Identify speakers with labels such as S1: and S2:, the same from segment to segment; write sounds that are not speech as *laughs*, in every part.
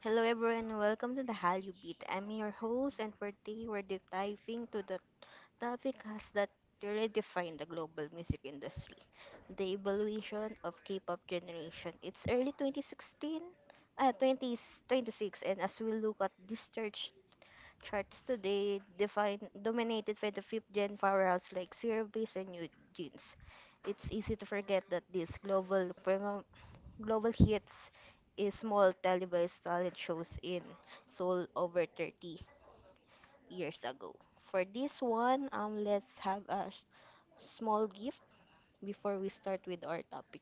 S1: Hello everyone, welcome to the Hallyu Beat. I'm your host and for today we're deep diving to the topic has that redefined the global music industry. The evolution of K-pop generation. It's early 2016, 2026, and as we look at these church charts today, defined dominated by the fifth gen powerhouse like Zero Base and New Jeans. It's easy to forget that these global Global Hits is small televised talent shows in Seoul over 30 years ago. For this one, let's have a small gift before we start with our topic.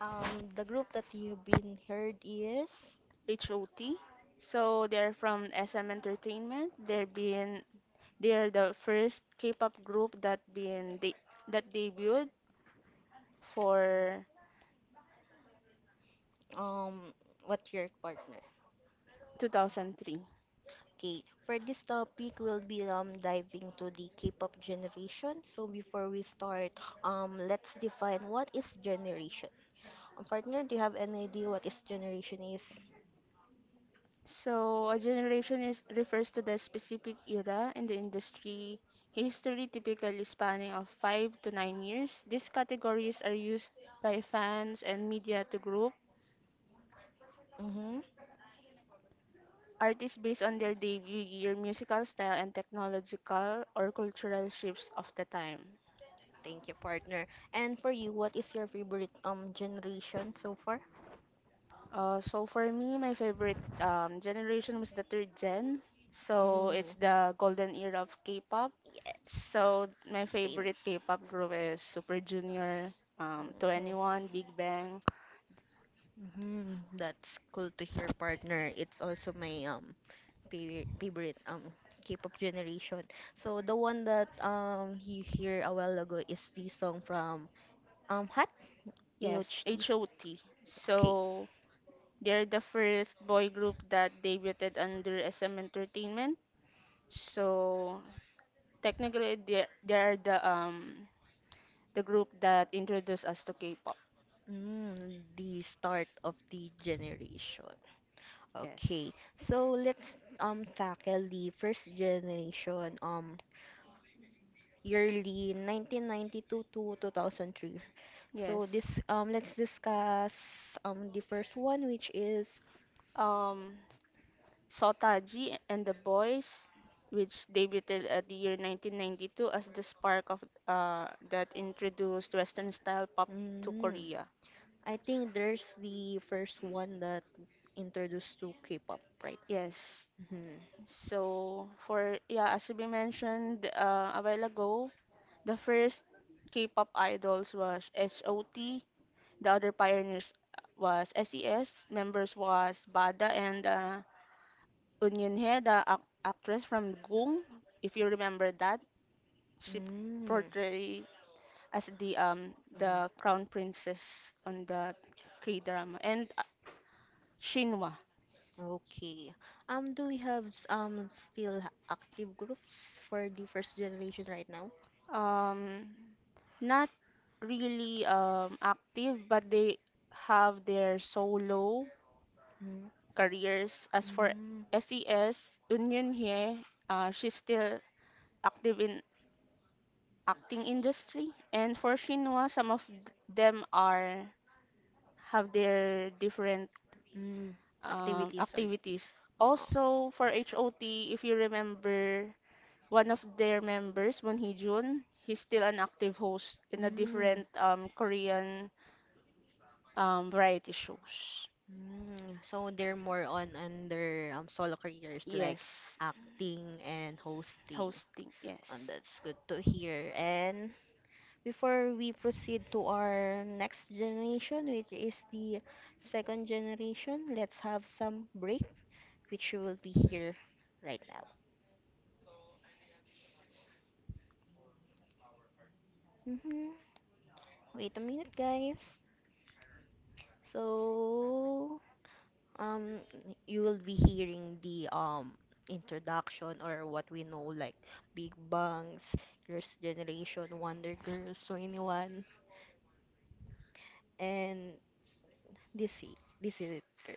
S1: The group that you've been heard is
S2: HOT. So they're from SM Entertainment. They're the first K-pop group that debuted for
S1: um, What's Your Partner?
S2: 2003.
S1: Okay, for this topic, we'll be diving to the K-pop generation. So before we start, let's define what is generation. Partner, do you have any idea what is generation is?
S2: So, a generation is refers to the specific era in the industry history, typically spanning of 5 to 9 years. These categories are used by fans and media to group
S1: Mm-hmm.
S2: artists based on their debut year, musical style, and technological or cultural shifts of the time.
S1: Thank you, partner. And for you, what is your favorite generation so far?
S2: So for me, my favorite generation was the third gen. So
S1: Mm,
S2: it's the golden era of K-pop.
S1: yes,
S2: So my
S1: same.
S2: favorite K-pop group is Super Junior,
S1: Mm-hmm.
S2: 21, Big Bang.
S1: Mm-hmm. That's cool to hear, partner. It's also my favorite K-pop generation. So the one that you hear a while ago is the song from Hot
S2: Yes,
S1: AOHT.
S2: H.O.T. So they're the first boy group that debuted under SM Entertainment. So technically, they are the group that introduced us to K-pop.
S1: Mm, the start of the generation.
S2: Yes.
S1: Okay, so let's tackle the first generation yearly 1992 to 2003.
S2: Yeah.
S1: So this let's discuss the first one which is
S2: Um, Sotaji and the Boys, which debuted at the year 1992 as the spark of that introduced Western style pop to
S1: mm,
S2: Korea.
S1: I think there's the first one that introduced to K-pop, right?
S2: Yes.
S1: Mhm.
S2: So for yeah, as we mentioned a while ago, the first K-pop idols was H.O.T. The other pioneers was S.E.S. Members was Bada and Eun Yoon Hye, the actress from Gung. If you remember that, she
S1: Mm.
S2: portrayed as the crown princess on the K drama and Shinwa.
S1: Okay. Do we have still active groups for the first generation right now?
S2: Um, not really active, but they have their solo
S1: Mm.
S2: careers. As for
S1: Mm.
S2: SES, Eun Hye, she's still active in acting industry, and for Shinwa, some of them are have their different
S1: Mm. Activities. Sorry.
S2: activities. Also for HOT, if you remember, one of their members, Moon Hee Jun, he's still an active host in a
S1: Mm.
S2: different Korean variety shows.
S1: Mm. So they're more on under solo careers like yes,
S2: Yes,
S1: acting and hosting. Host.
S2: hosting.
S1: And
S2: Yes.
S1: that's good to hear. And before we proceed to our next generation, which is the second generation, let's have some break, which will be here right now. Mm-hmm. Wait a minute, guys. So Um, you will be hearing the introduction or what we know like Big Bangs, Girls' Generation, Wonder Girls, 21, and this is it. Girl.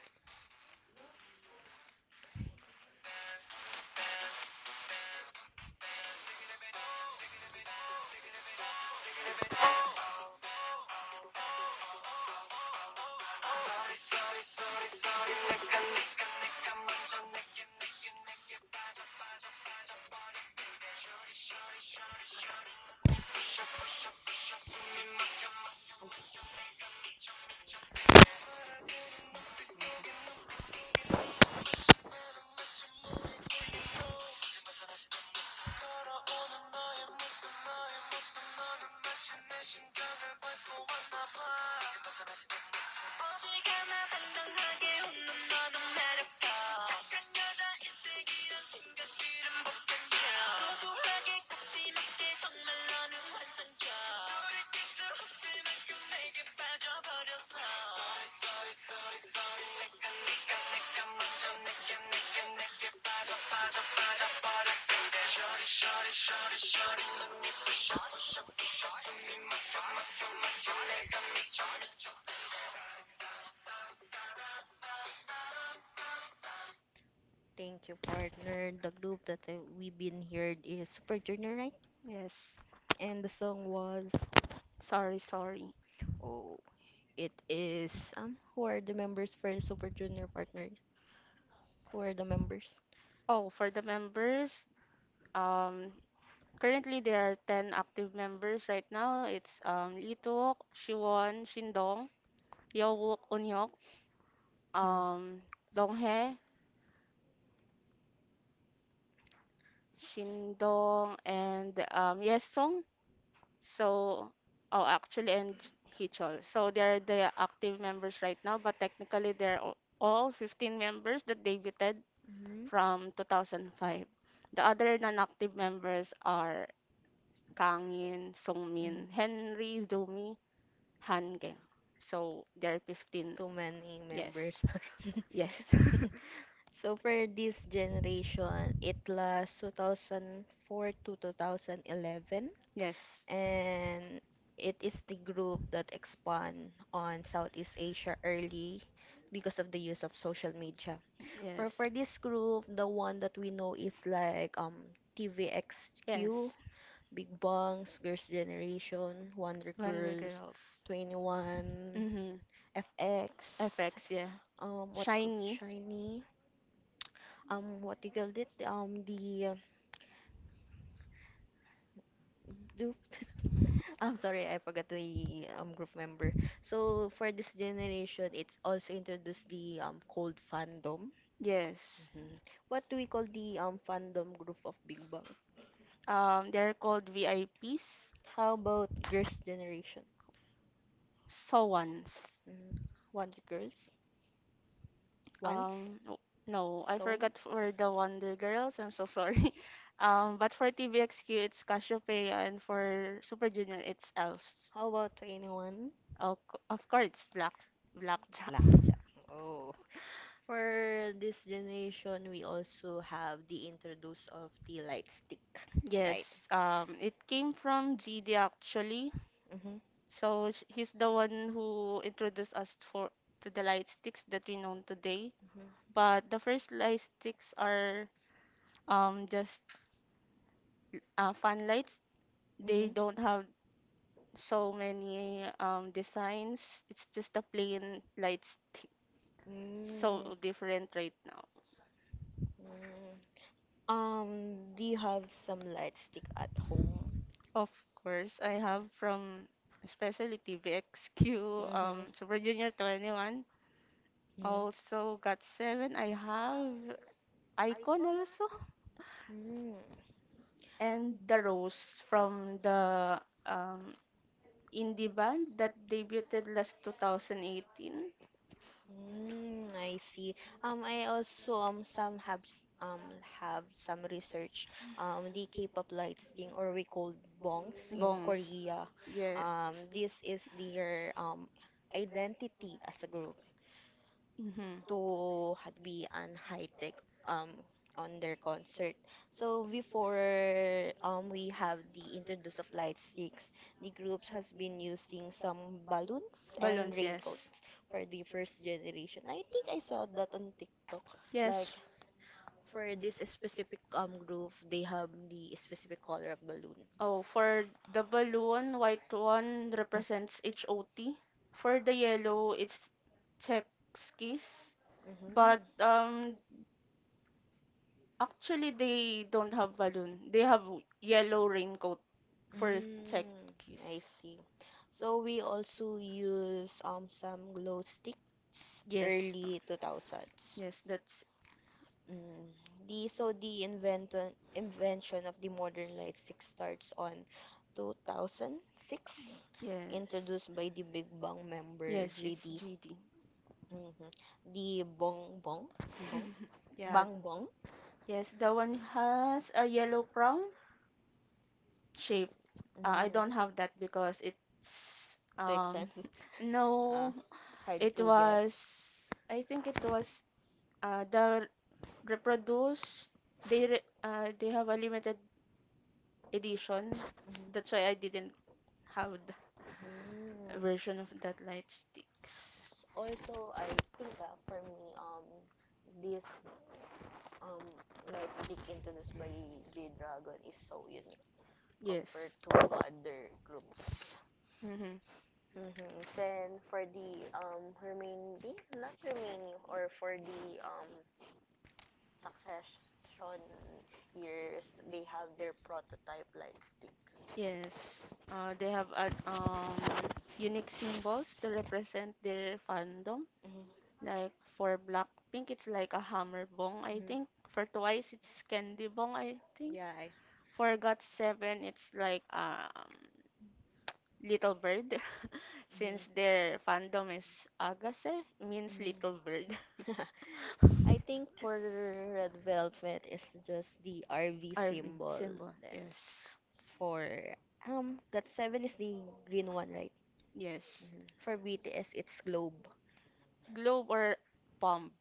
S1: Thank you, partner. The group that I, we've been heard is Super Junior, right?
S2: Yes.
S1: And the song was
S2: Sorry, sorry.
S1: oh, it is who are the members for Super Junior partners? Who are the members?
S2: Oh, for the members, um, currently there are 10 active members right now. It's Lee Tuk, Siwon, Shindong, Yeowuk, Unyok,
S1: Mm.
S2: um, Donghae, Shindong and Yesong. So, oh, actually, and Hichol. So they're the active members right now, but technically all 15 members that debuted
S1: Mm.
S2: from 2005. The other non-active members are Kang Yin, Song Min,
S1: Mm.
S2: Henry, Zoomi, Han Geng. So they're 15.
S1: Too many members.
S2: Yes. Yes.
S1: *laughs* So for this generation, it lasts 2004 to 2011,
S2: *laughs* Yes.
S1: and it is the group that expand on Southeast Asia early because of the use of social media. For
S2: Yes.
S1: for this group, the one that we know is like TVXQ, Big Bangs, Girls' Generation, Wonder Girls,
S2: Else.
S1: 21,
S2: Mm-hmm.
S1: FX,
S2: Yeah.
S1: what group?
S2: Ini.
S1: Shiny what do you call it the do I'm sorry I forgot the group member. So for this generation, it's also introduced the cold fandom.
S2: Yes.
S1: Mhm. What do we call the fandom group of Big Bang?
S2: They're called VIPs.
S1: How about girls' generation?
S2: Sowans.
S1: Mm. Wonder Girls, Once,
S2: Um, w- no, I
S1: Stone.
S2: forgot for the Wonder Girls. I'm so sorry. *laughs* But for TVXQ, it's Cassiopeia, and for Super Junior, it's Elves.
S1: How about 21?
S2: Of course, it's
S1: Black.
S2: Blackjacks. *laughs*
S1: Oh. For this generation, we also have the introduce of the light stick, right?
S2: Yes, it came from GD actually.
S1: Mhm.
S2: He's the one who introduced us for to the light sticks that we know today.
S1: They
S2: But the first light sticks are just fan lights. They
S1: mm-hmm.
S2: don't have so many designs. It's just the plain lights. t-
S1: So
S2: So
S1: mm-hmm.
S2: different right now.
S1: Mm-hmm. Do you have some light stick at home?
S2: Of course, I have from especially TVXQ,
S1: Mm-hmm.
S2: Super
S1: So
S2: Junior 21.
S1: mm-hmm.
S2: Also got seven. I have Icon also
S1: Mm,
S2: and the Rose from the indie band that debuted last 2018.
S1: mm, I see. I also some have have some research the K-pop lighting or we call bongs in Korea. Yes.
S2: Yeah.
S1: This is their identity as a group.
S2: Hmm.
S1: To Hatbi and High Tech um on their concert. So before we have the introduce of Light Sticks, the groups has been using some balloons and raincoats
S2: Yes.
S1: for the first generation. I think I saw that on TikTok.
S2: Yes.
S1: Like for this specific group, they have the specific color of balloon.
S2: Oh, for the balloon, white one represents HOT. For the yellow, it's Tex.
S1: hmm
S2: But actually, they don't have balloon. They have yellow raincoat for Tex.
S1: Mm, I see. So we also use some glow sticks
S2: Yes,
S1: early 2000s.
S2: yes, that's
S1: Mm. The so the invention of the modern lightstick starts on 2006,
S2: yeah,
S1: introduced by the Big Bang member yes.
S2: yes,
S1: JD.
S2: it's GD.
S1: Mm. Mhm. The bong bong bong
S2: Yeah,
S1: bang bong.
S2: yes, that one has a yellow crown shape. I don't
S1: Mm.
S2: have that because it's
S1: Too expensive.
S2: *laughs*
S1: *laughs* Uh,
S2: no,
S1: hard
S2: It
S1: to
S2: was,
S1: get.
S2: I think it was the reproduce. They have a limited edition. That's
S1: Mhm.
S2: why I didn't have the
S1: Mm.
S2: version of that light sticks.
S1: Also, I think for me, this um Lightstick this by G Dragon is so unique compared
S2: Yes.
S1: yes. to other groups.
S2: Mm-hmm.
S1: Mm-hmm. Then for the remaining, not remaining, or for the succession years, they have their prototype Lightstick.
S2: Yes. They have unique symbols to represent their fandom.
S1: I
S2: Like for Blackpink, it's like a hammer bong, I
S1: mhm.
S2: think. For Twice, it's candy bong, I think.
S1: Yeah, I.
S2: For GOT7, it's like Little Bird *laughs* since their fandom is Agase
S1: Since
S2: means
S1: they mhm.
S2: Little Bird.
S1: *laughs* Took I think for Red Velvet is just the RV
S2: *laughs*
S1: symbol
S2: Rainbow.
S1: then.
S2: Yes.
S1: For God Seven is the green one, right?
S2: Yes.
S1: Mhm. For BTS, it's globe.
S2: Globe or bomb.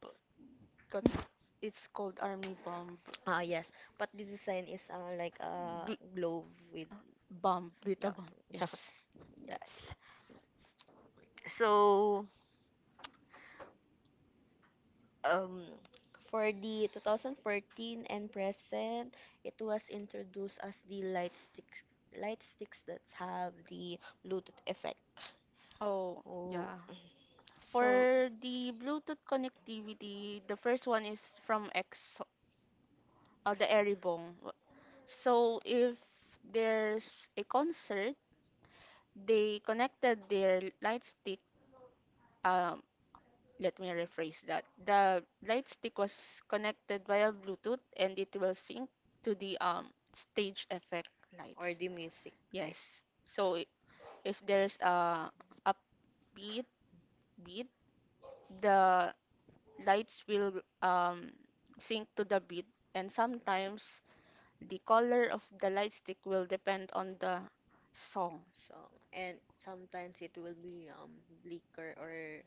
S2: Cause it's called army bomb.
S1: Ah yes, but the design is like a globe with
S2: Bomb.
S1: yeah,
S2: Beta bomb.
S1: *laughs*
S2: Yes. That's it.
S1: yes. So um, for the 2014 and present, it was introduced as the light sticks, that have the Bluetooth effect.
S2: Oh,
S1: Oh,
S2: yeah.
S1: so
S2: For the Bluetooth connectivity, the first one is from X, the Eribong. So if there's a concert, they connected their light stick uh, let me rephrase that. The light stick was connected via Bluetooth and it will sync to the stage effect
S1: or
S2: lights.
S1: the music, right?
S2: Yes. If there's a upbeat beat, the lights will sync to the beat and sometimes the color of the light stick will depend on the song.
S1: So, and sometimes it will be bleaker or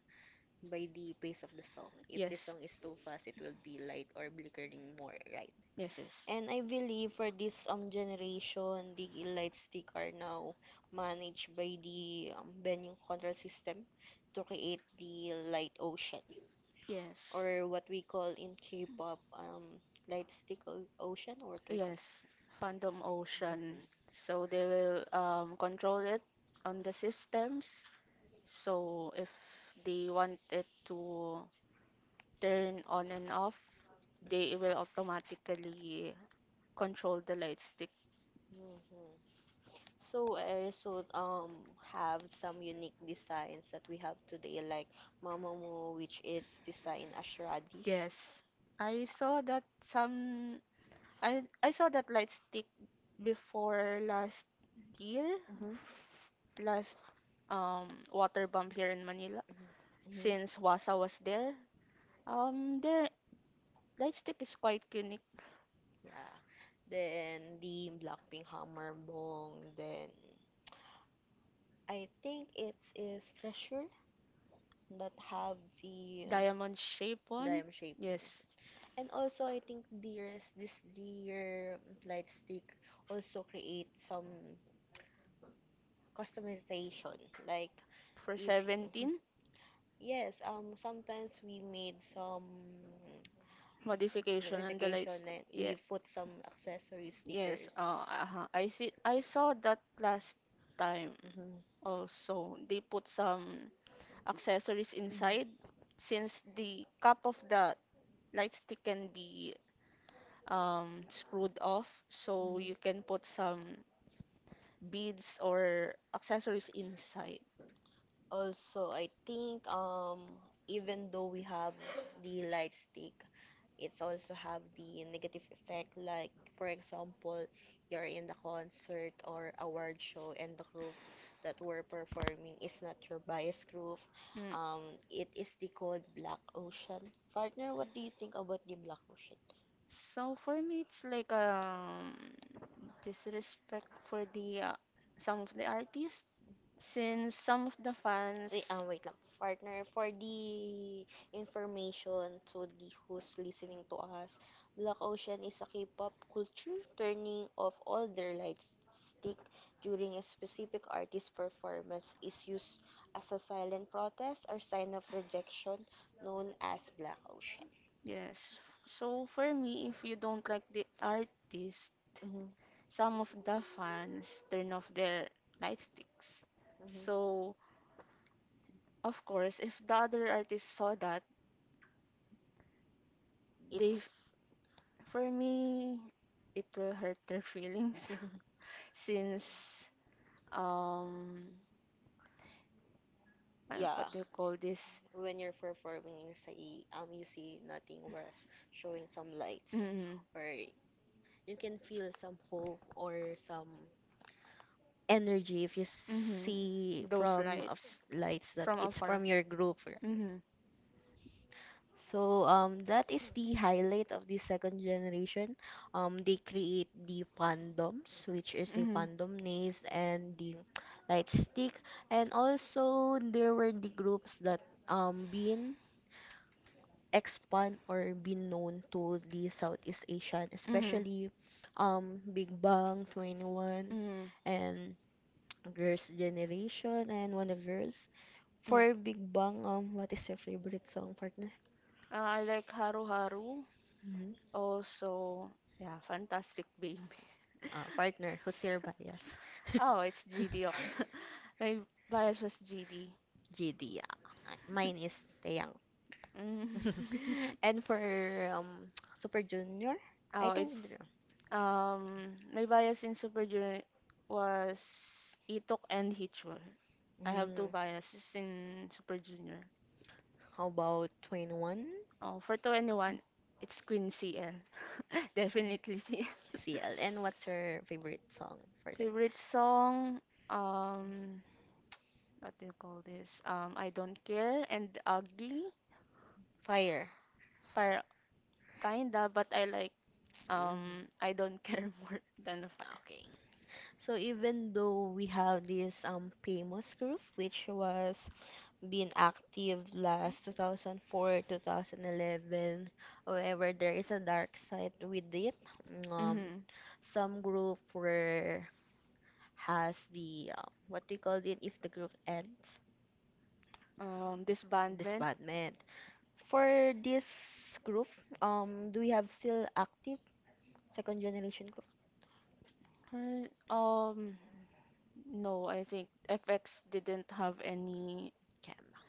S1: by the pace of the song. If the yes.
S2: Yes,
S1: song is too fast, it will be light or blinkering more, right?
S2: yes, yes.
S1: And I believe for this generation, the light stick are now managed by the venue control system to create the light ocean yes.
S2: Yes,
S1: or what we call in K-pop light stick ocean or what we call.
S2: yes. Phantom Ocean. So they will control it on the systems. So if they wanted to turn on and off, they will automatically control the light stick.
S1: Mhm. Mhm. So I also have some unique designs that we have today, like mamamoo, which is designed as radish.
S2: Yes. I saw that some. I saw that light stick before last year,
S1: Mm-hmm.
S2: last water bump here in Manila
S1: Mm-hmm.
S2: since Wasa was there. Their light stick is quite unique,
S1: Yeah. Then the Blackpink Hammer Bong. Then I think it is Treasure that have the
S2: diamond shape.
S1: diamond shape.
S2: Yes,
S1: And also I think there's this year Light Stick also create some customization like
S2: for
S1: if
S2: 17
S1: yes sometimes we made some
S2: modification and the,
S1: notification and we put some accessory yes. stickers yes,
S2: oh, uh-huh. I see. I saw that last time
S1: hmm
S2: also. They put some accessories inside since the cap of the light stick can be screwed off, so you
S1: hmm
S2: can put some beads or accessories inside.
S1: also I think even though we have the light stick it's also have the negative effect, like for example you're in the concert or award show and the group that we're performing is not your bias group,
S2: Mm.
S1: it is the called black ocean. Partner, what do you think about the black ocean?
S2: So for me, it's like disrespect for the some of the artists since some of the fans.
S1: Wait, wait lang. Partner, for the information to the who's listening to us, Black Ocean is a K-pop culture turning off all their lights stick during a specific artist performance, is used as a silent protest or sign of rejection known as Black Ocean.
S2: Yes. So for me, if you don't like the artist,
S1: hmm
S2: some of the fans turn off their lightsticks.
S1: hmm
S2: So, of course, if the other artist saw that, for me, it
S1: It's,
S2: will hurt their feelings
S1: *laughs*
S2: *laughs* since um
S1: yeah,
S2: do you call this?
S1: when you're performing, say, you see nothing whereas showing some lights
S2: Mm,
S1: or you can feel some hope or some energy if you see from of lights that it's from your group, right?
S2: mm,
S1: So that is the highlight of the second generation. They create the pandoms, which is the pandom names and the light stick, and also there were the groups that been expand or been known to the Southeast Asian, especially Big Bang, 21,
S2: mm.
S1: and Girls' Generation and Wonder Girls. For Big Bang, what is your favorite song, partner?
S2: I like Haru Haru.
S1: hmm
S2: Also, yeah, Fantastic Baby. *laughs*
S1: Partner, who's your bias? *laughs*
S2: Oh, it's GD. *laughs* My bias was GD.
S1: GD, yeah. *laughs* Mine is Taeyang.
S2: Mm.
S1: *laughs*
S2: *laughs*
S1: And for um, *tsk* Super Junior, I
S2: Oh, it's
S1: think.
S2: um my bias in Super Junior was Itok and Hichul. I have two
S1: Mm,
S2: biases in Super Junior.
S1: how about 21?
S2: Oh, for 21, it's Queen CL. *laughs* Definitely CL.
S1: CL. And what's your favorite song for them?
S2: Favorite song um what do you call this? I don't care and ugly.
S1: Fire.
S2: Fire kinda, but I like
S1: Mm,
S2: I don't care *laughs* more than fire.
S1: okay. So even though we have this famous group which was being active last 2004 2011, however, there is a dark side with it. um
S2: Mm.
S1: some group where has the what do you call it if the group ends
S2: Um this band
S1: disbandment for this group, do we have still active second generation group?
S2: her- um No, I think FX didn't have any
S1: Kema.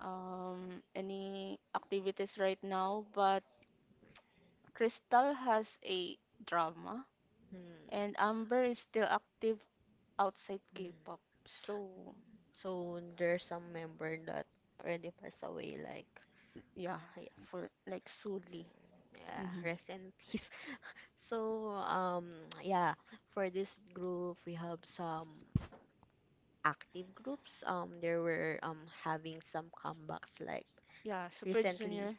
S2: any activities right now, but Crystal has a drama and
S1: Hmm.
S2: Amber is still active outside K-pop. So,
S1: So there's some member that already passed away like
S2: yeah,
S1: Ay-
S2: for like solely.
S1: yeah,
S2: Hmm.
S1: rest in peace. *laughs* So, yeah, for this group, we have some active groups. There were having some comebacks like
S2: Yeah, so
S1: recently,
S2: near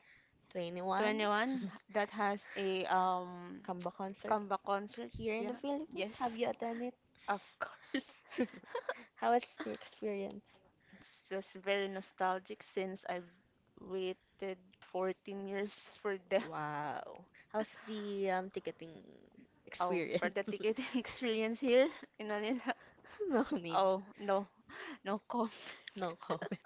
S1: 21
S2: anyone that has a
S1: *laughs* comeback concert
S2: comeback concert,
S1: here in the Philippines.
S2: yes,
S1: Have you attended?
S2: of *laughs* course.
S1: *laughs* How was the experience?
S2: It's just very nostalgic since I've waited 14 years for them.
S1: Wow. How's the ticketing experience? *laughs*
S2: Educating *laughs* experience here in Manila.
S1: No need,
S2: Oh, no, no comment.
S1: no comment.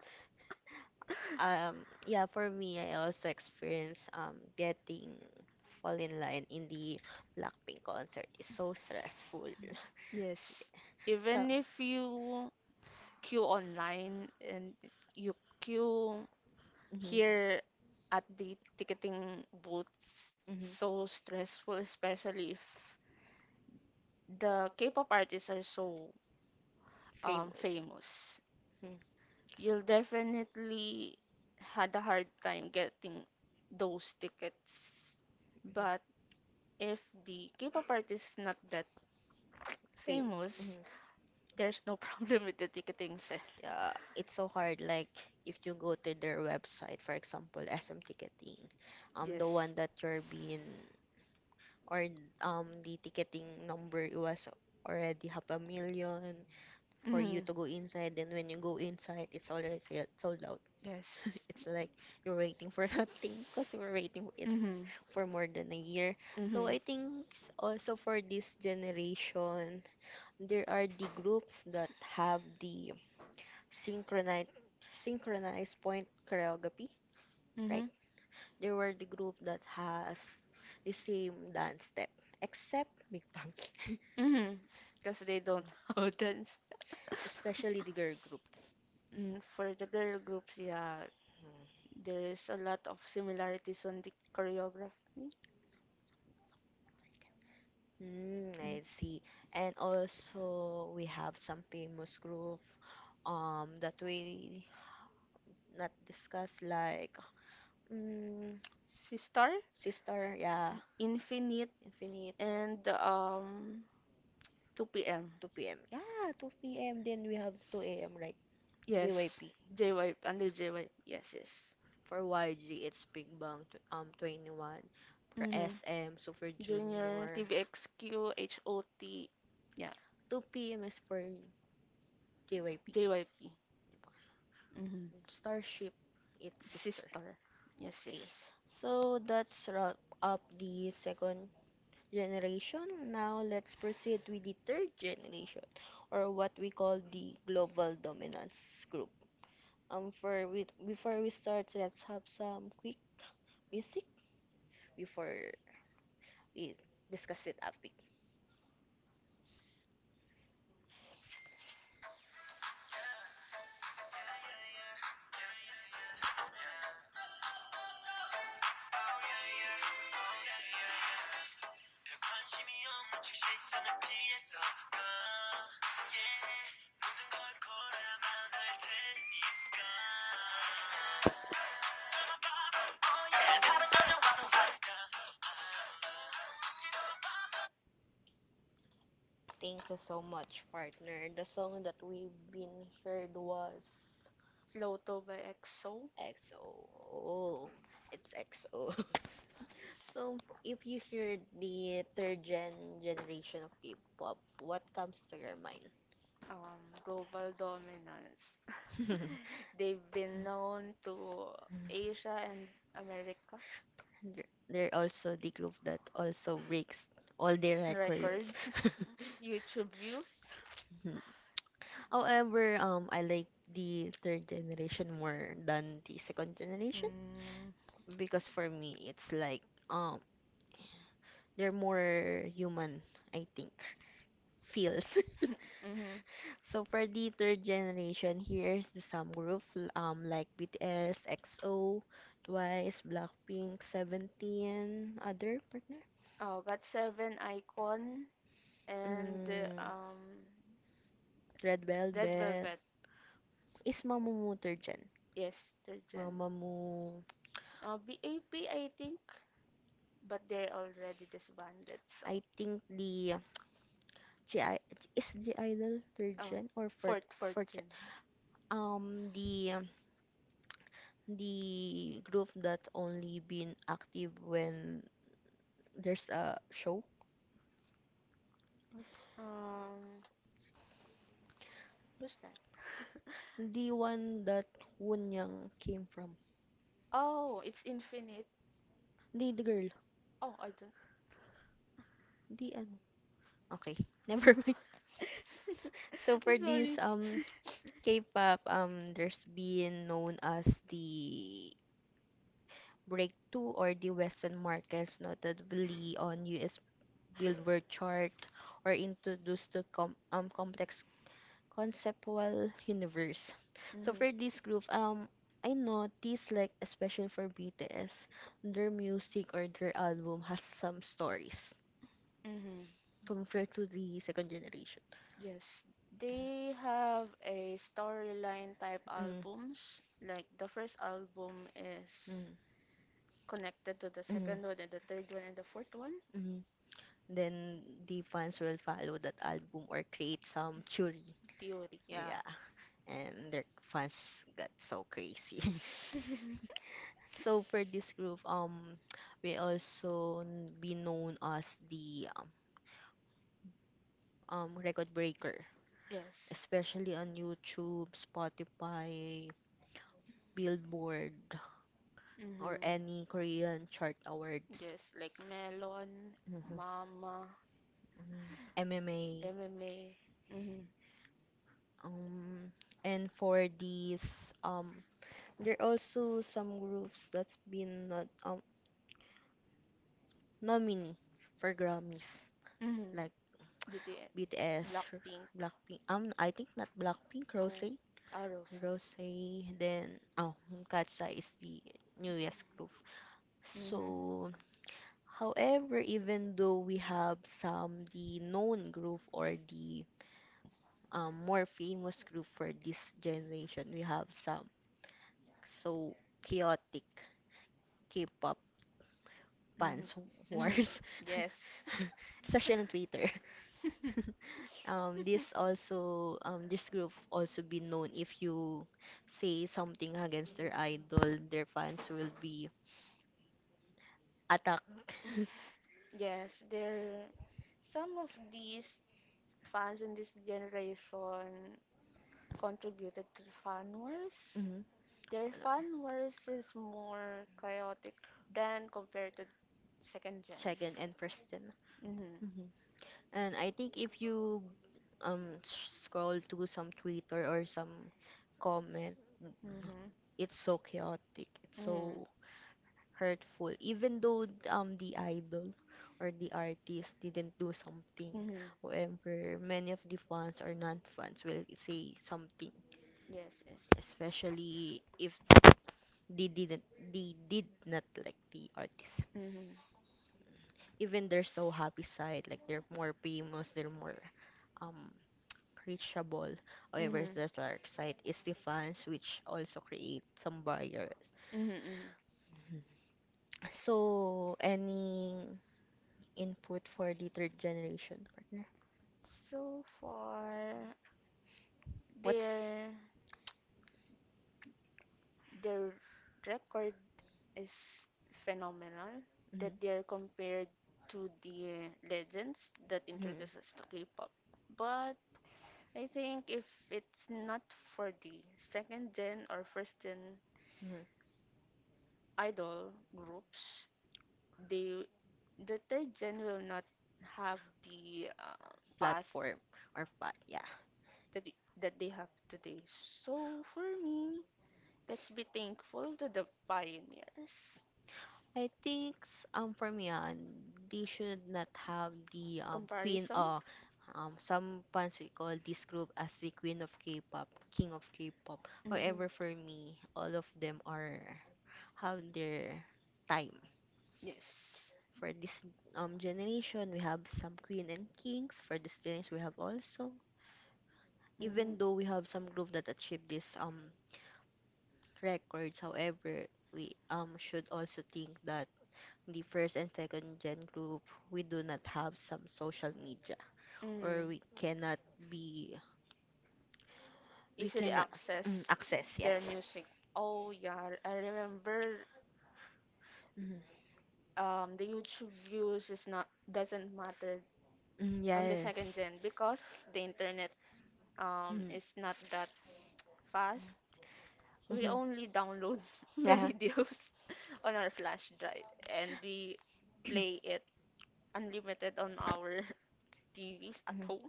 S2: *laughs*
S1: Yeah, for me, I also experienced getting fall in line in the Blackpink concert. It's so stressful.
S2: Yes,
S1: So,
S2: even
S1: mhm,
S2: if you queue online and you queue here at the ticketing booths,
S1: mhm,
S2: so stressful, especially if the K-pop artists are so
S1: famous.
S2: famous.
S1: Mhm.
S2: You'll definitely had a hard time getting those tickets. But if the K-pop artist is not that
S1: Fame.
S2: famous,
S1: Mhm.
S2: there's no *laughs* problem with the ticketing set.
S1: Yeah, it's so hard. Like if you go to their website, for example, SM Ticketing, the one that you're being or the ticketing number, it was already half a million, for you to go inside. Then when you go inside, it's already sold out. *laughs*
S2: Yes.
S1: It's like you're waiting for *laughs* that thing because you were waiting for it
S2: Mhm.
S1: for more than a year. So
S2: Mhm.
S1: I think also for this generation, there are the groups that have the synchronized synchronized point choreography,
S2: Mhm.
S1: right? There were the group that has the same dance step, except Big Bang, *laughs*
S2: Mhm. Because they don't *laughs* know dance.
S1: especially the girl groups.
S2: Mm, for the girl groups, yeah, there is a lot of similarities on the choreography.
S1: Mm, I see. And also we have some famous group that we not discuss like mm,
S2: Sistar,
S1: Sister, yeah,
S2: Infinite,
S1: Infinite and
S2: and 2PM.
S1: 2 p.m. Yeah, 2 p.m. Then we have 2 a.m. right?
S2: Yes,
S1: JYP.
S2: JYP under JYP. Yes, yes.
S1: For YG, it's Big Bang 21. For
S2: Mm.
S1: SM, Super
S2: Junior,
S1: Junior.
S2: TVXQ, HOT, yeah,
S1: 2 p.m. is for JYP.
S2: JYP. Hmm.
S1: Starship, it's Sister.
S2: Sister. Yes,
S1: Okay,
S2: yes.
S1: so that's wrap up the second generation. Now let's proceed with the third generation, or what we call the global dominance group. For we, before we start, let's have some quick music before we discuss it a bit. Thank you so much, partner. The song that we've been heard was
S2: Loto by EXO,
S1: XO. It's XO. *laughs* So, if you hear the third generation of K-pop, what comes to your mind?
S2: um, Global Dominance.
S1: *laughs*
S2: They've been known to Asia and America.
S1: They're also the group that also breaks all their records.
S2: It's *laughs* YouTube views.
S1: *laughs* However, I like the third generation more than the second generation because for me, it's like um, they're more human, I think, feels. *laughs*
S2: Mm-hmm.
S1: So for the third generation, here's the some group, like BTS, EXO, Twice, Blackpink, Seventeen, other partner,
S2: Oh, got seven icon and uh,
S1: mm,
S2: um,
S1: Red
S2: 12.
S1: Velvet. Is Mamamoo third gen?
S2: Yes, third gen.
S1: Mamamoo,
S2: BAP, I think, but they're already disbanded. So
S1: I think the GI is the Idol third gen or fourth
S2: fourth
S1: fourth
S2: gen.
S1: gen. Um, the the group that only been active when there's a show.
S2: Um, who's that? *laughs*
S1: The one that Wonyang came from.
S2: Oh, it's Infinite.
S1: The girl.
S2: Oh, I don't.
S1: The ano. Okay, *laughs* never mind. So
S2: *laughs*
S1: for this K-pop, there's been known as the breakthrough or the Western markets, notably on US Billboard chart, or introduced to complex conceptual universe. So for this group, I noticed, like especially for BTS, their music or their album has some stories
S2: Mm-hmm.
S1: compared to the second generation.
S2: Yes, they have a storyline type
S1: Mm.
S2: albums. Like the first album is
S1: Mm. Mm.
S2: connected to the second one, and the third one, and the fourth one.
S1: Mm. Then the fans will follow that album or create some theory.
S2: Theory. Yeah.
S1: Yeah, and their fans got so crazy. *laughs*
S2: *laughs*
S1: So for this group, we also be known as the record breaker,
S2: Yes.
S1: especially on YouTube, Spotify, Billboard, or
S2: Mm-hmm.
S1: any Korean chart awards.
S2: Yes, like Melon,
S1: Mhm.
S2: Mama,
S1: Mm, MMA.
S2: MMA, mm-hmm,
S1: Um, and for these, um, there are also some groups that's been not nominee for Grammys,
S2: mm-hmm,
S1: like
S2: BTS,
S1: BTS,
S2: Pink,
S1: Blackpink. I think not Blackpink, Rosé.
S2: Arrow.
S1: Rosé, then oh, Katseye is the newest group. So, however, even though we have some the known group or the more famous group for this generation, we have some so chaotic K-pop fans wars,
S2: Yes.
S1: *laughs* especially on Twitter. *laughs*
S2: *laughs*
S1: This also, this group also be known, if you say something against their idol, their fans will be attacked. *laughs*
S2: Yes, there some of these fans in this generation contributed to the fan wars.
S1: Mhm.
S2: Their fan wars is more chaotic than compared to second gen.
S1: Second and Preston.
S2: Mhm.
S1: Mhm. And I think if you scroll to some Twitter or some comment,
S2: Mhm.
S1: it's so chaotic, it's so hurtful, even though the idol or the artist didn't do something.
S2: Mhm.
S1: However, many of the fans or non-fans will say something,
S2: Yes, yes.
S1: especially if they didn't they did not like the artist.
S2: Mhm.
S1: Even their so happy side, like they're more famous, they're more um reachable. However, the dark side is the fans, which also create some barriers.
S2: Mhm. Mhm.
S1: So, any input for the third generation?
S2: So far,
S1: What's
S2: Their their record is phenomenal
S1: mhm,
S2: that they're compared to the legends that
S1: mhm,
S2: introduced us to K-pop. But I think if it's not for the second gen or first gen
S1: mhm,
S2: idol groups, they the third gen will not have the path
S1: platform or plat? Yeah,
S2: that they have today. So for me, let's be thankful to the pioneers.
S1: I think for me on, they should not have the queen, some fans we call this group as the queen of K-pop, king of K-pop. However, for me, all of them are have their time.
S2: Yes.
S1: For this generation, we have some queen and kings. For this generation, we have also, even though we have some group that achieve this records. However, we should also think that the first and second gen group, we do not have some social media, or
S2: Mm,
S1: we cannot be, we
S2: easily
S1: cannot mm,
S2: access
S1: access,
S2: their
S1: yes.
S2: music. Oh yeah, I remember
S1: Mhm.
S2: the YouTube views is not doesn't matter
S1: Mm,
S2: the
S1: yes.
S2: second gen because the internet
S1: Mhm.
S2: is not that fast. We
S1: Mhm.
S2: only download
S1: *laughs*
S2: *laughs* the
S1: Yeah.
S2: videos *laughs* on our flash drive and we play it unlimited on our *laughs* TVs at
S1: Mhm.
S2: home.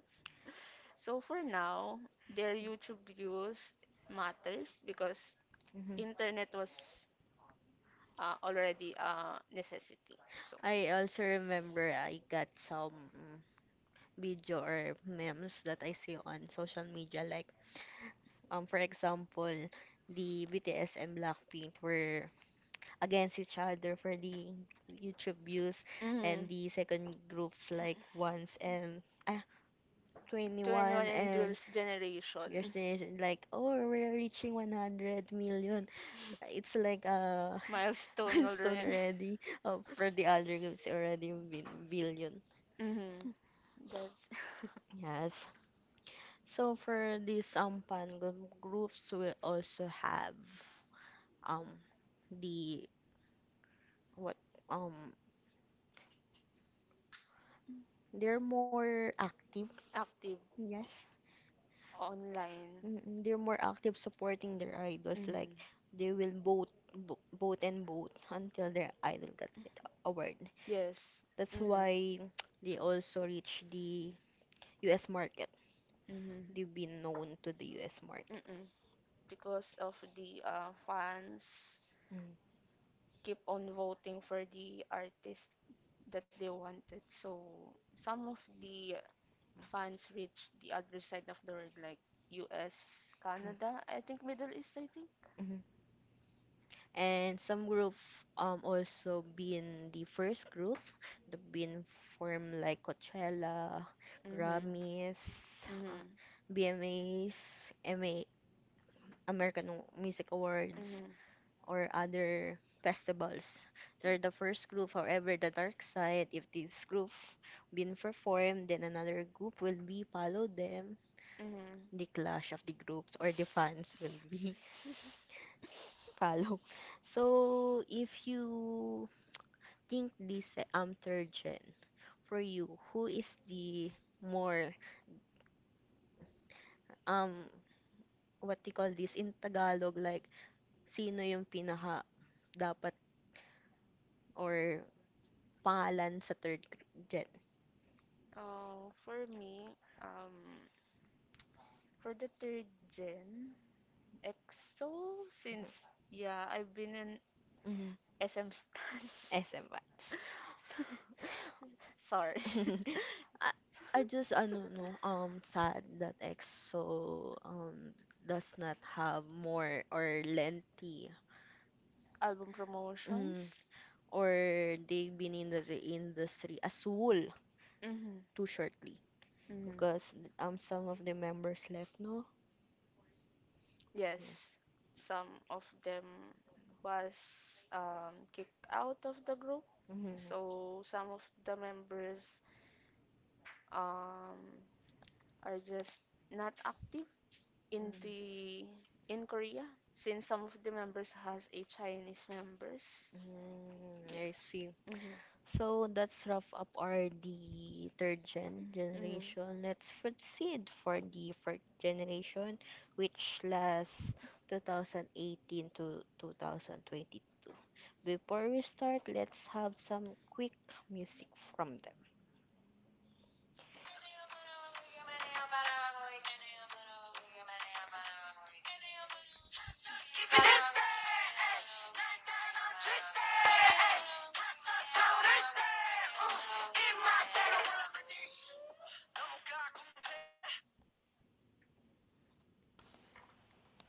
S2: So for now, their YouTube views matters because
S1: Mhm.
S2: internet was already a necessity. So.
S1: I also remember I got some video or memes that I see on social media, like for example, the BTS and Blackpink were against each other for the YouTube views,
S2: Mm.
S1: and the second groups like Once and ah, 21 and
S2: This generation
S1: Girls' Generation. Like, oh, we're reaching 100 million. It's like a
S2: milestone.
S1: *laughs* already. Oh, for the other groups, already been billion.
S2: Mhm. That's *laughs*
S1: Yes. So for these fangirl groups, we also have um the what um they're more active,
S2: active
S1: yes.
S2: online.
S1: Mm, they're more active supporting their idols, like
S2: Mhm.
S1: they will vote, vote and vote until their idol gets it, award.
S2: Yes.
S1: That's why *tsk* they also reach the US market.
S2: Mhm.
S1: They've been known to the US market.
S2: Mm-mm. Because of the fans
S1: Mm,
S2: keep on voting for the artist that they wanted. So some of the fans reached the other side of the world, like U.S., Canada, I think Middle East, I think.
S1: mhm. And some group also been the first group, they've been formed like Coachella, Grammys, uh,
S2: Mm-hmm.
S1: BMAs, MA, American Music Awards, or other festivals. They're the first group, however, the dark side, if this group been performed, then another group will be follow them.
S2: Mm-hmm.
S1: The clash of the groups or the fans will be *laughs*
S2: *laughs*
S1: follow. So if you think this third gen, for you, who is the more um what do you call this in Tagalog, like sino yung pinaka dapat or pangalan sa third gen.
S2: For me, um, for the third gen, EXO, since, yeah, I've been an
S1: Mhm.
S2: SM stan.
S1: SM Vibes.
S2: *laughs* So, sorry.
S1: *laughs* I,
S2: *laughs*
S1: I just, ano, no, sad that EXO, does not have more or lengthy,
S2: Album promotion.
S1: mm, or they've been in the industry as whole
S2: Mm-hmm,
S1: too shortly
S2: mm-hmm.
S1: because some of the members left, no? Yeah.
S2: Yes, some of them was kicked out of the group.
S1: Mm-hmm.
S2: So some of the members um, are just not active in
S1: Mm.
S2: the in Korea since some of the members has a Chinese members.
S1: Mm, I see.
S2: Mhm.
S1: So that's rough up our the third gen generation. Let's proceed for the fourth generation, which lasts 2018 to 2022. Before we start, let's have some quick music from them.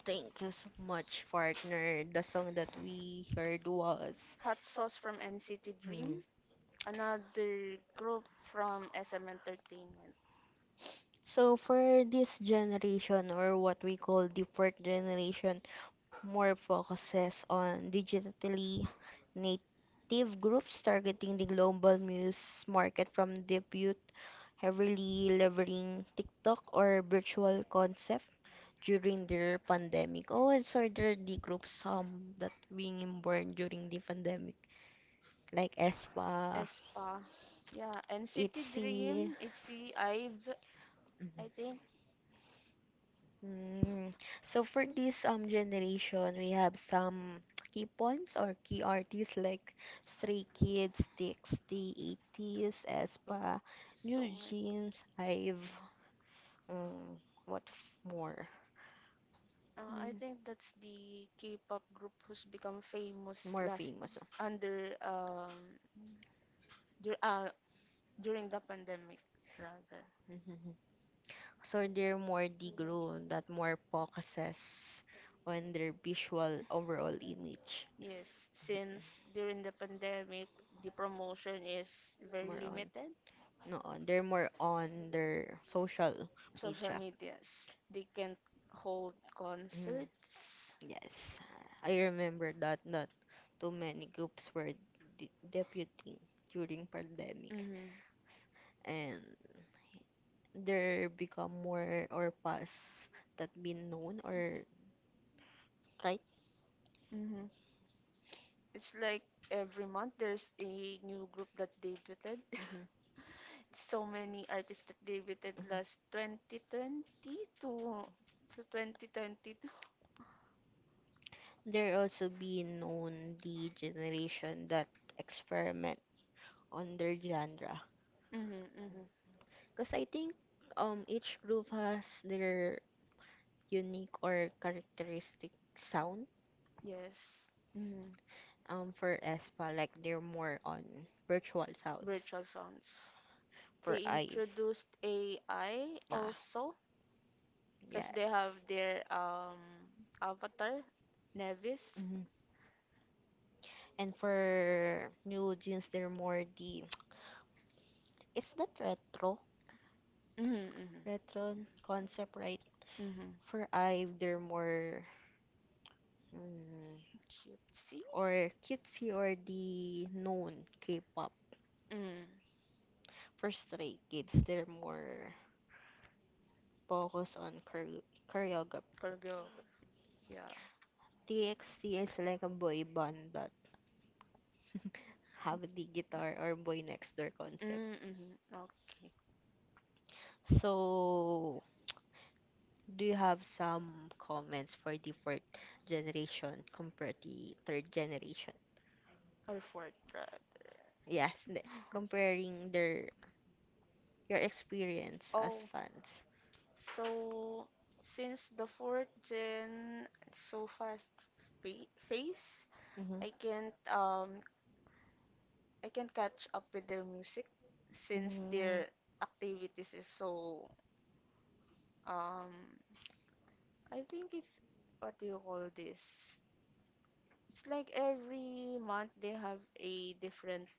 S1: Thank you so much, partner. The song that we heard was
S2: Hot Sauce from NCT
S1: Mm.
S2: Dream, another group from SM Entertainment.
S1: So for this generation or what we call the fourth generation, more focuses on digitally native groups targeting the global news market from debut, heavily leveraging TikTok or virtual concept during their pandemic. Oh, and so there are the groups that being born during the pandemic, like ESPA,
S2: Espa. Yeah, and same
S1: ITZY.
S2: it's the I
S1: Mhm.
S2: think
S1: Mm. So for this generation, we have some *tsk* key points or key artists like Stray Kids, TXT, 80s, aespa, New Jeans, I've, more?
S2: I
S1: Mm.
S2: think that's the K-pop group who's become famous
S1: More
S2: last
S1: famous. Oh.
S2: under dur- uh, during the pandemic rather.
S1: Mm-hmm. So they're more degrown, that more focuses on their visual overall image.
S2: Yes, since during the pandemic the promotion is very
S1: More on.
S2: limited.
S1: No, they're more on their social
S2: Social
S1: media.
S2: medias they can't hold
S1: Mm,
S2: concerts.
S1: yes, I remember that not too many groups were debuting during pandemic, and they become more or past that been known or right.
S2: Mm-hmm. It's like every month there's a new group that debuted. *laughs*
S1: Mhm,
S2: So many artists that debuted
S1: mhm.
S2: last 2020 to to 2022.
S1: There also be known the generation that experiment on their genre.
S2: Mm-hmm, mm-hmm.
S1: Because I think each group has their unique or characteristic sound.
S2: Yes. Mm-hmm.
S1: For aespa, like they're more on virtual sounds.
S2: Natural sounds.
S1: For
S2: They
S1: IVE,
S2: introduced AI
S1: ah,
S2: also because
S1: yeah.
S2: they have their avatar, Nevis.
S1: Mhm. And for New Jeans, they're more the *tsk* it's that retro
S2: Mm-hmm, mm-hmm,
S1: retro concept, right?
S2: mm-hmm.
S1: For IVE, they're more mm,
S2: Cutesy.
S1: or cutesy or the known K-pop.
S2: Mm.
S1: For stray kids, they're more focused on choreography.
S2: Choreographer. Yeah.
S1: TXT is like a boy band that *laughs* have the guitar or boy next door concept.
S2: Mm-hmm. Okay.
S1: So, do you have some comments for the fourth generation compared to third generation?
S2: Or fourth track.
S1: Yes, the, comparing their your experience as fans.
S2: So since the fourth gen is so pace,
S1: Mhm.
S2: I can't um I can't catch up with their music since their
S1: Mhm.
S2: activities is so um I think it's, what do you call this? It's like every month they have a different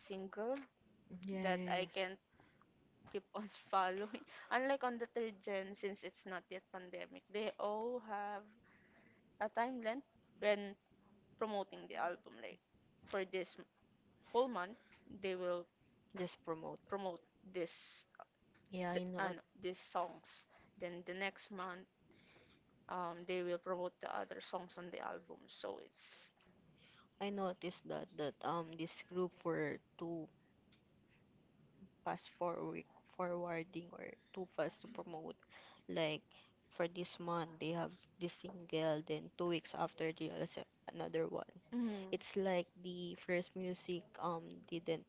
S2: single that I
S1: Yes.
S2: can't keep on *laughs* following. Unlike on the third gen, since it's not yet pandemic, they all have a time length when promoting the album. Like for whole month, they will
S1: Just promote.
S2: promote this
S1: Yeah, I know.
S2: and these songs. Then the next month, they will promote the other songs on the album. So it's,
S1: I noticed that that this group were too fast forward forwarding or too fast to promote. Like for this month they have this single, then two weeks after they also another one.
S2: mm,
S1: It's like the first music didn't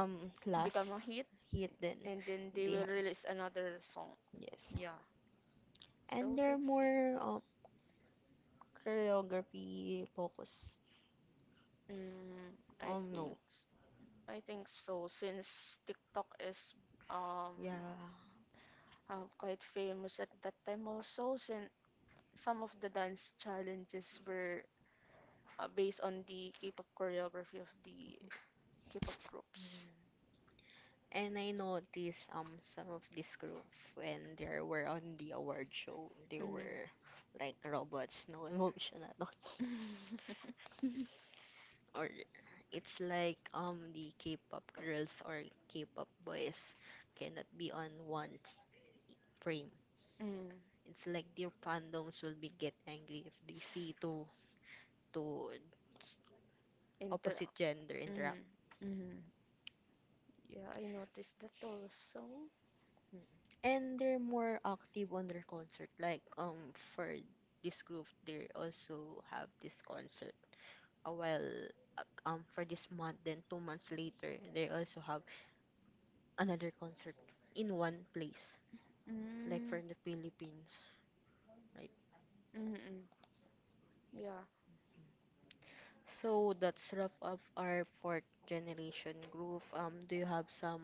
S1: last,
S2: become a hit,
S1: hit, then
S2: and then they
S1: they
S2: will
S1: have,
S2: release another song.
S1: yes.
S2: Yeah.
S1: And
S2: So,
S1: they're more choreography focus.
S2: mm,
S1: No.
S2: I think so. Since TikTok is um
S1: Yeah.
S2: quite famous at that time also, since some of the dance challenges were, based on the K-pop choreography of the K-pop groups.
S1: And I noticed some of this group when they were on the award show, they
S2: Mm-hmm.
S1: were like robots, no emotion at all.
S2: *laughs*
S1: *laughs* Or it's like the K-pop girls or K-pop boys cannot be on one frame.
S2: Mm.
S1: It's like their fandoms will be get angry if they see two
S2: Inter.
S1: opposite gender interact.
S2: Mm-hmm. Mm-hmm. Yeah, I noticed that also.
S1: And they're more active on their concert. Like for this group, they also have this concert a while, for this month, then two months later they also have another concert in one place, like
S2: Mm.
S1: for the Philippines, right?
S2: Mm-hmm. Yeah.
S1: So that's rough of our fourth generation group. Do you have some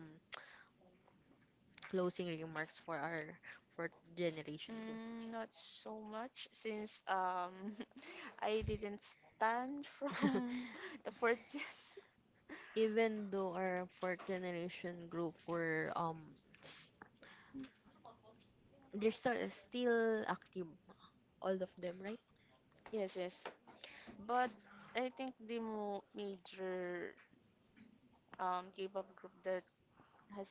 S1: closing remarks for our fourth generation group?
S2: Mm, not so much since *laughs* I didn't stand from
S1: *laughs*
S2: *laughs* the fourth gen. *laughs*
S1: Even though our fourth generation group were s- they're still active, all of them, right?
S2: Yes, yes. But I think the mo major K-pop group that has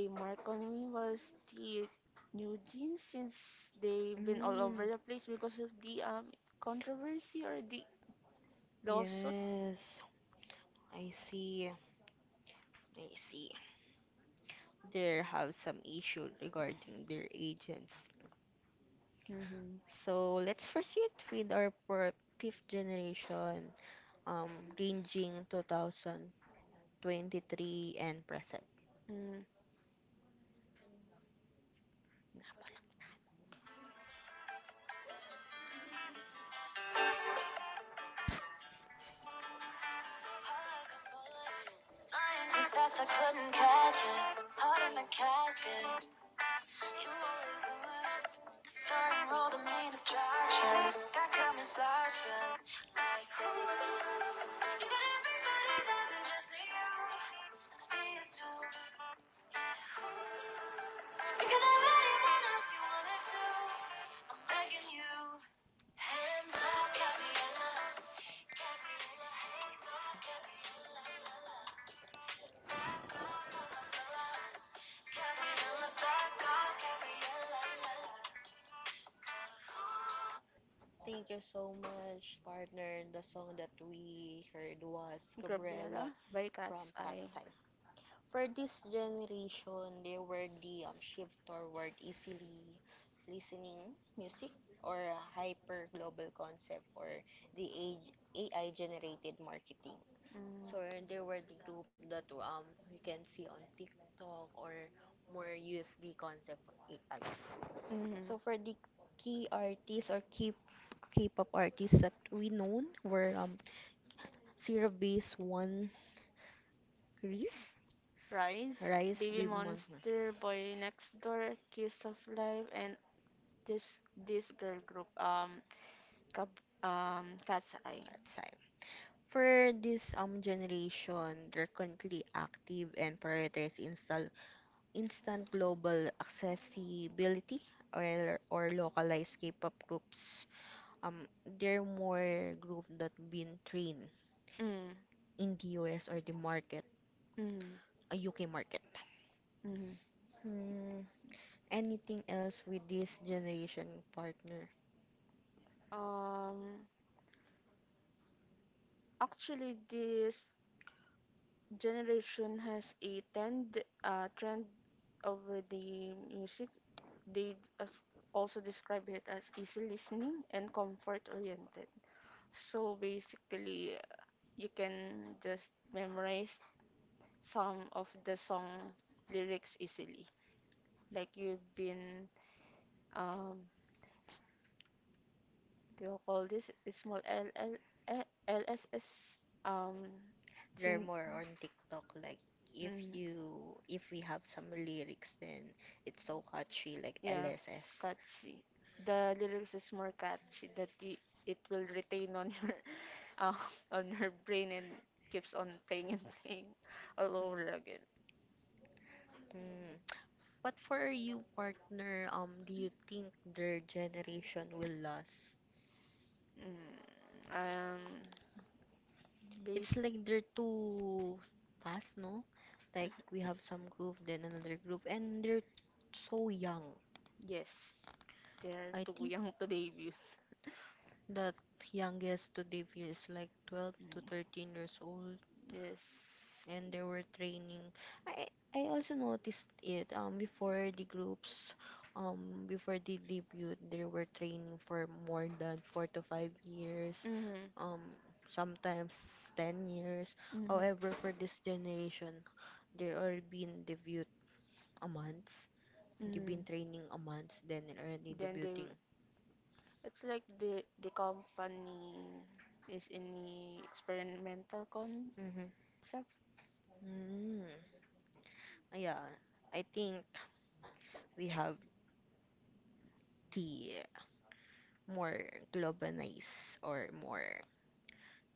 S2: a mark on me was the new jeans since they've
S1: Mm,
S2: been all over the place because of the controversy or the lawsuit.
S1: yes, I see. I see. They have some issue regarding their agents.
S2: Mm-hmm.
S1: So let's proceed with our fifth generation, um, ranging 2023 and present.
S2: Mm. Flying too fast, I couldn't catch it. Heart in the casket. You always knew it. The starting role, the main attraction. Got cameras flashing. Like, ooh. You got everybody dancing just to you. I see it too.
S1: Thank you so much, partner. The song that we heard was
S2: Yeah,
S1: Gabriela
S2: by Cat's
S1: from
S2: Eye.
S1: Cat's. For this generation, they were the shift toward easily listening music or hyper global concept or the age, AI generated marketing.
S2: Mm,
S1: So they were the group that we can see on TikTok or more use the concept of AI.
S2: mhm.
S1: So for the key artists or key K-pop artists that we known were Zero Base One, Reese,
S2: Rise,
S1: Rise, Big Monster.
S2: Monster
S1: Monster,
S2: Boy Next Door,
S1: Girl
S2: Kiss of
S1: of
S2: Life, and
S1: and
S2: this this girl group, Cab Cat's Eye.
S1: outside. For this generation, they're currently active and prioritize install instant global accessibility, or localized K-pop groups. Um, they're more group that been trained
S2: Mm,
S1: in the US or the market,
S2: mm,
S1: a UK market.
S2: mm.
S1: Hmm, anything else with this generation, partner?
S2: Um, Actually, this generation has a tend trend over the music. They also describe it as easy listening and comfort oriented. So basically, you can just memorize some of the song lyrics easily. Like you've been, um, do you call this? It's small L L L S S um
S1: They're more on TikTok. Like if you, if we have some lyrics, then it's so catchy, like LSS.
S2: catchy. The lyrics is more catchy that it will retain on your *laughs* uh, on your brain and keeps on playing and *laughs* playing all over again.
S1: Hmm. But for you, partner, do you think their generation will last?
S2: Mm, base
S1: It's like they're too fast, no? Like
S2: *laughs*
S1: we have some group, then another group, and they're so young.
S2: yes, they're
S1: I
S2: too
S1: think
S2: young to debut.
S1: that youngest to debut is like 12 to 13 years old.
S2: Yes.
S1: And they were training. I I also noticed it before the groups, before the debut, they were training for more than four to five years,
S2: Mm-hmm.
S1: um sometimes ten years.
S2: Mm-hmm.
S1: However, for this generation, they already been debut a month. They've
S2: Mm-hmm.
S1: been training a month, then already
S2: Then they,
S1: debuting.
S2: it's like the company is in the experimental concept.
S1: Mm-hmm. Mm, yeah, I think we have the more globalized or more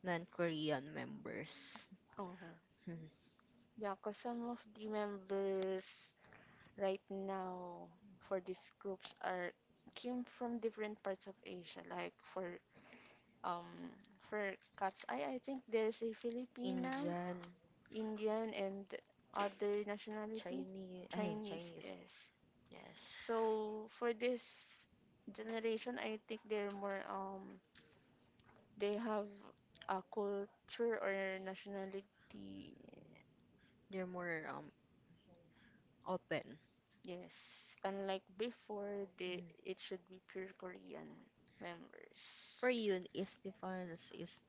S1: non-Korean members.
S2: Uh-huh.
S1: *laughs*
S2: Yeah, cause some of the members right now for these groups are came from different parts of Asia. Like um for cat's eye, I think there's a Filipina,
S1: Indian,
S2: Indian, and other nationality.
S1: Chinese, and
S2: Chinese,
S1: Chinese.
S2: yes.
S1: Yes.
S2: So for this generation, I think they're more they have a culture or nationality.
S1: They're more open.
S2: Yes, unlike before, they
S1: Mm.
S2: it should be pure Korean members.
S1: For you, Estefans is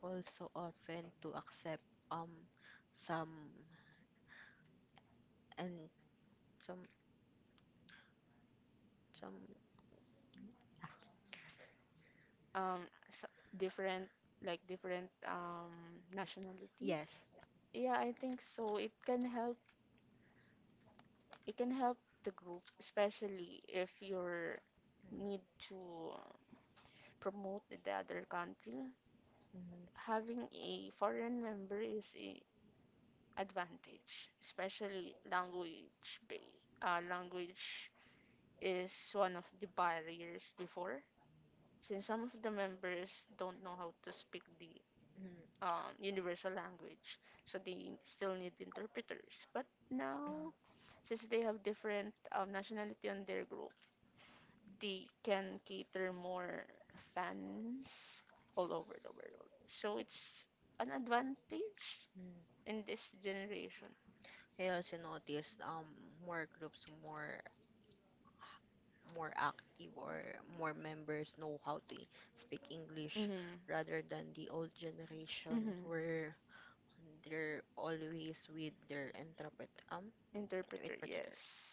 S1: also open to accept um some and some some,
S2: S Different, like different nationality.
S1: yes.
S2: Yeah, I think so, it can help, it can help the group, especially if you're need to promote the other country,
S1: Mm,
S2: having a foreign member is a advantage, especially language is one of the barriers before, since some of the members don't know how to speak the
S1: mm, mm,
S2: universal language. So they still need interpreters. But now, since they have different, nationality on their group, they can cater more fans all over the world. So it's an advantage
S1: mm. Mm.
S2: in this generation.
S1: I also noticed more groups, more more active, or more members know how to speak English rather than the old generation
S2: Mm-hmm.
S1: where they're always with their
S2: Interpreter,
S1: interpreters.
S2: yes.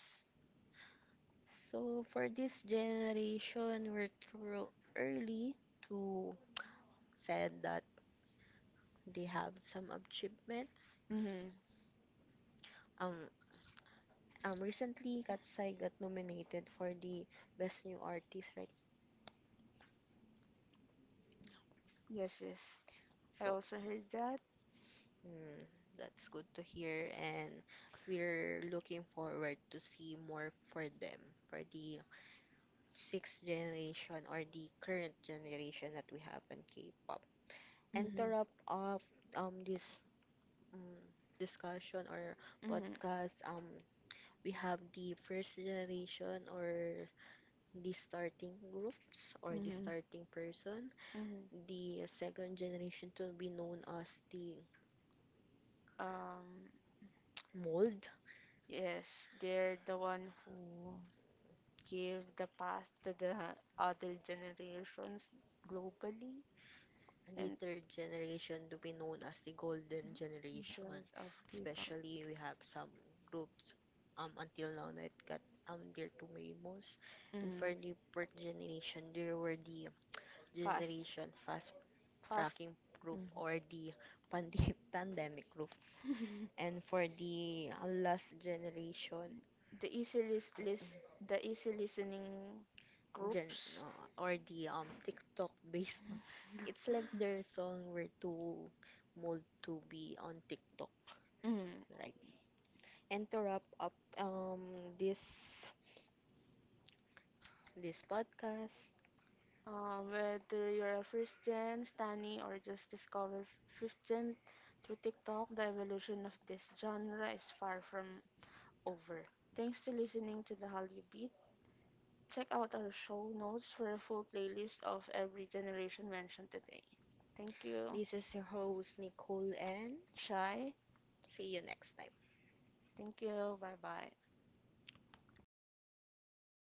S1: So for this generation, we're too early to said that they have some achievements.
S2: Mm-hmm.
S1: Um, recently, Katsai got nominated for the Best New Artist, right?
S2: Yes, yes.
S1: So
S2: Also heard that.
S1: that, mm, that's good to hear, and we're looking forward to see more for them, for the sixth generation or the current generation that we have in K-pop. And to wrap up this, um, discussion or podcast, we have the first generation, or the starting groups or the starting person,
S2: Hmm.
S1: the second generation to be known as the
S2: Um,
S1: mold.
S2: yes, they're the one who give the past to the other generations globally
S1: The
S2: and
S1: third generation to be known as the golden generation.
S2: generations of people.
S1: Especially we have some groups until now that got their two labels. And
S2: Mm,
S1: for the fourth generation there were the generation fast
S2: fast.
S1: tracking proof, or the pandi- *laughs* pandemic proof.
S2: Mm.
S1: And for the last generation
S2: *laughs* The the easy listening
S1: gen,
S2: groups.
S1: or the TikTok based *laughs* on, it's like their song were too mold to be on TikTok,
S2: Mm.
S1: right? And to wrap up this, this podcast,
S2: Whether you're a first gen, Stani, or just discover fifth gen through TikTok, the evolution of this genre is far from over. Thanks to listening to the Hollywood. Check out our show notes for a full playlist of every generation mentioned today. Thank you,
S1: this is your host Nicole, and
S2: Shai.
S1: see you next time.
S2: Thank you. Bye bye.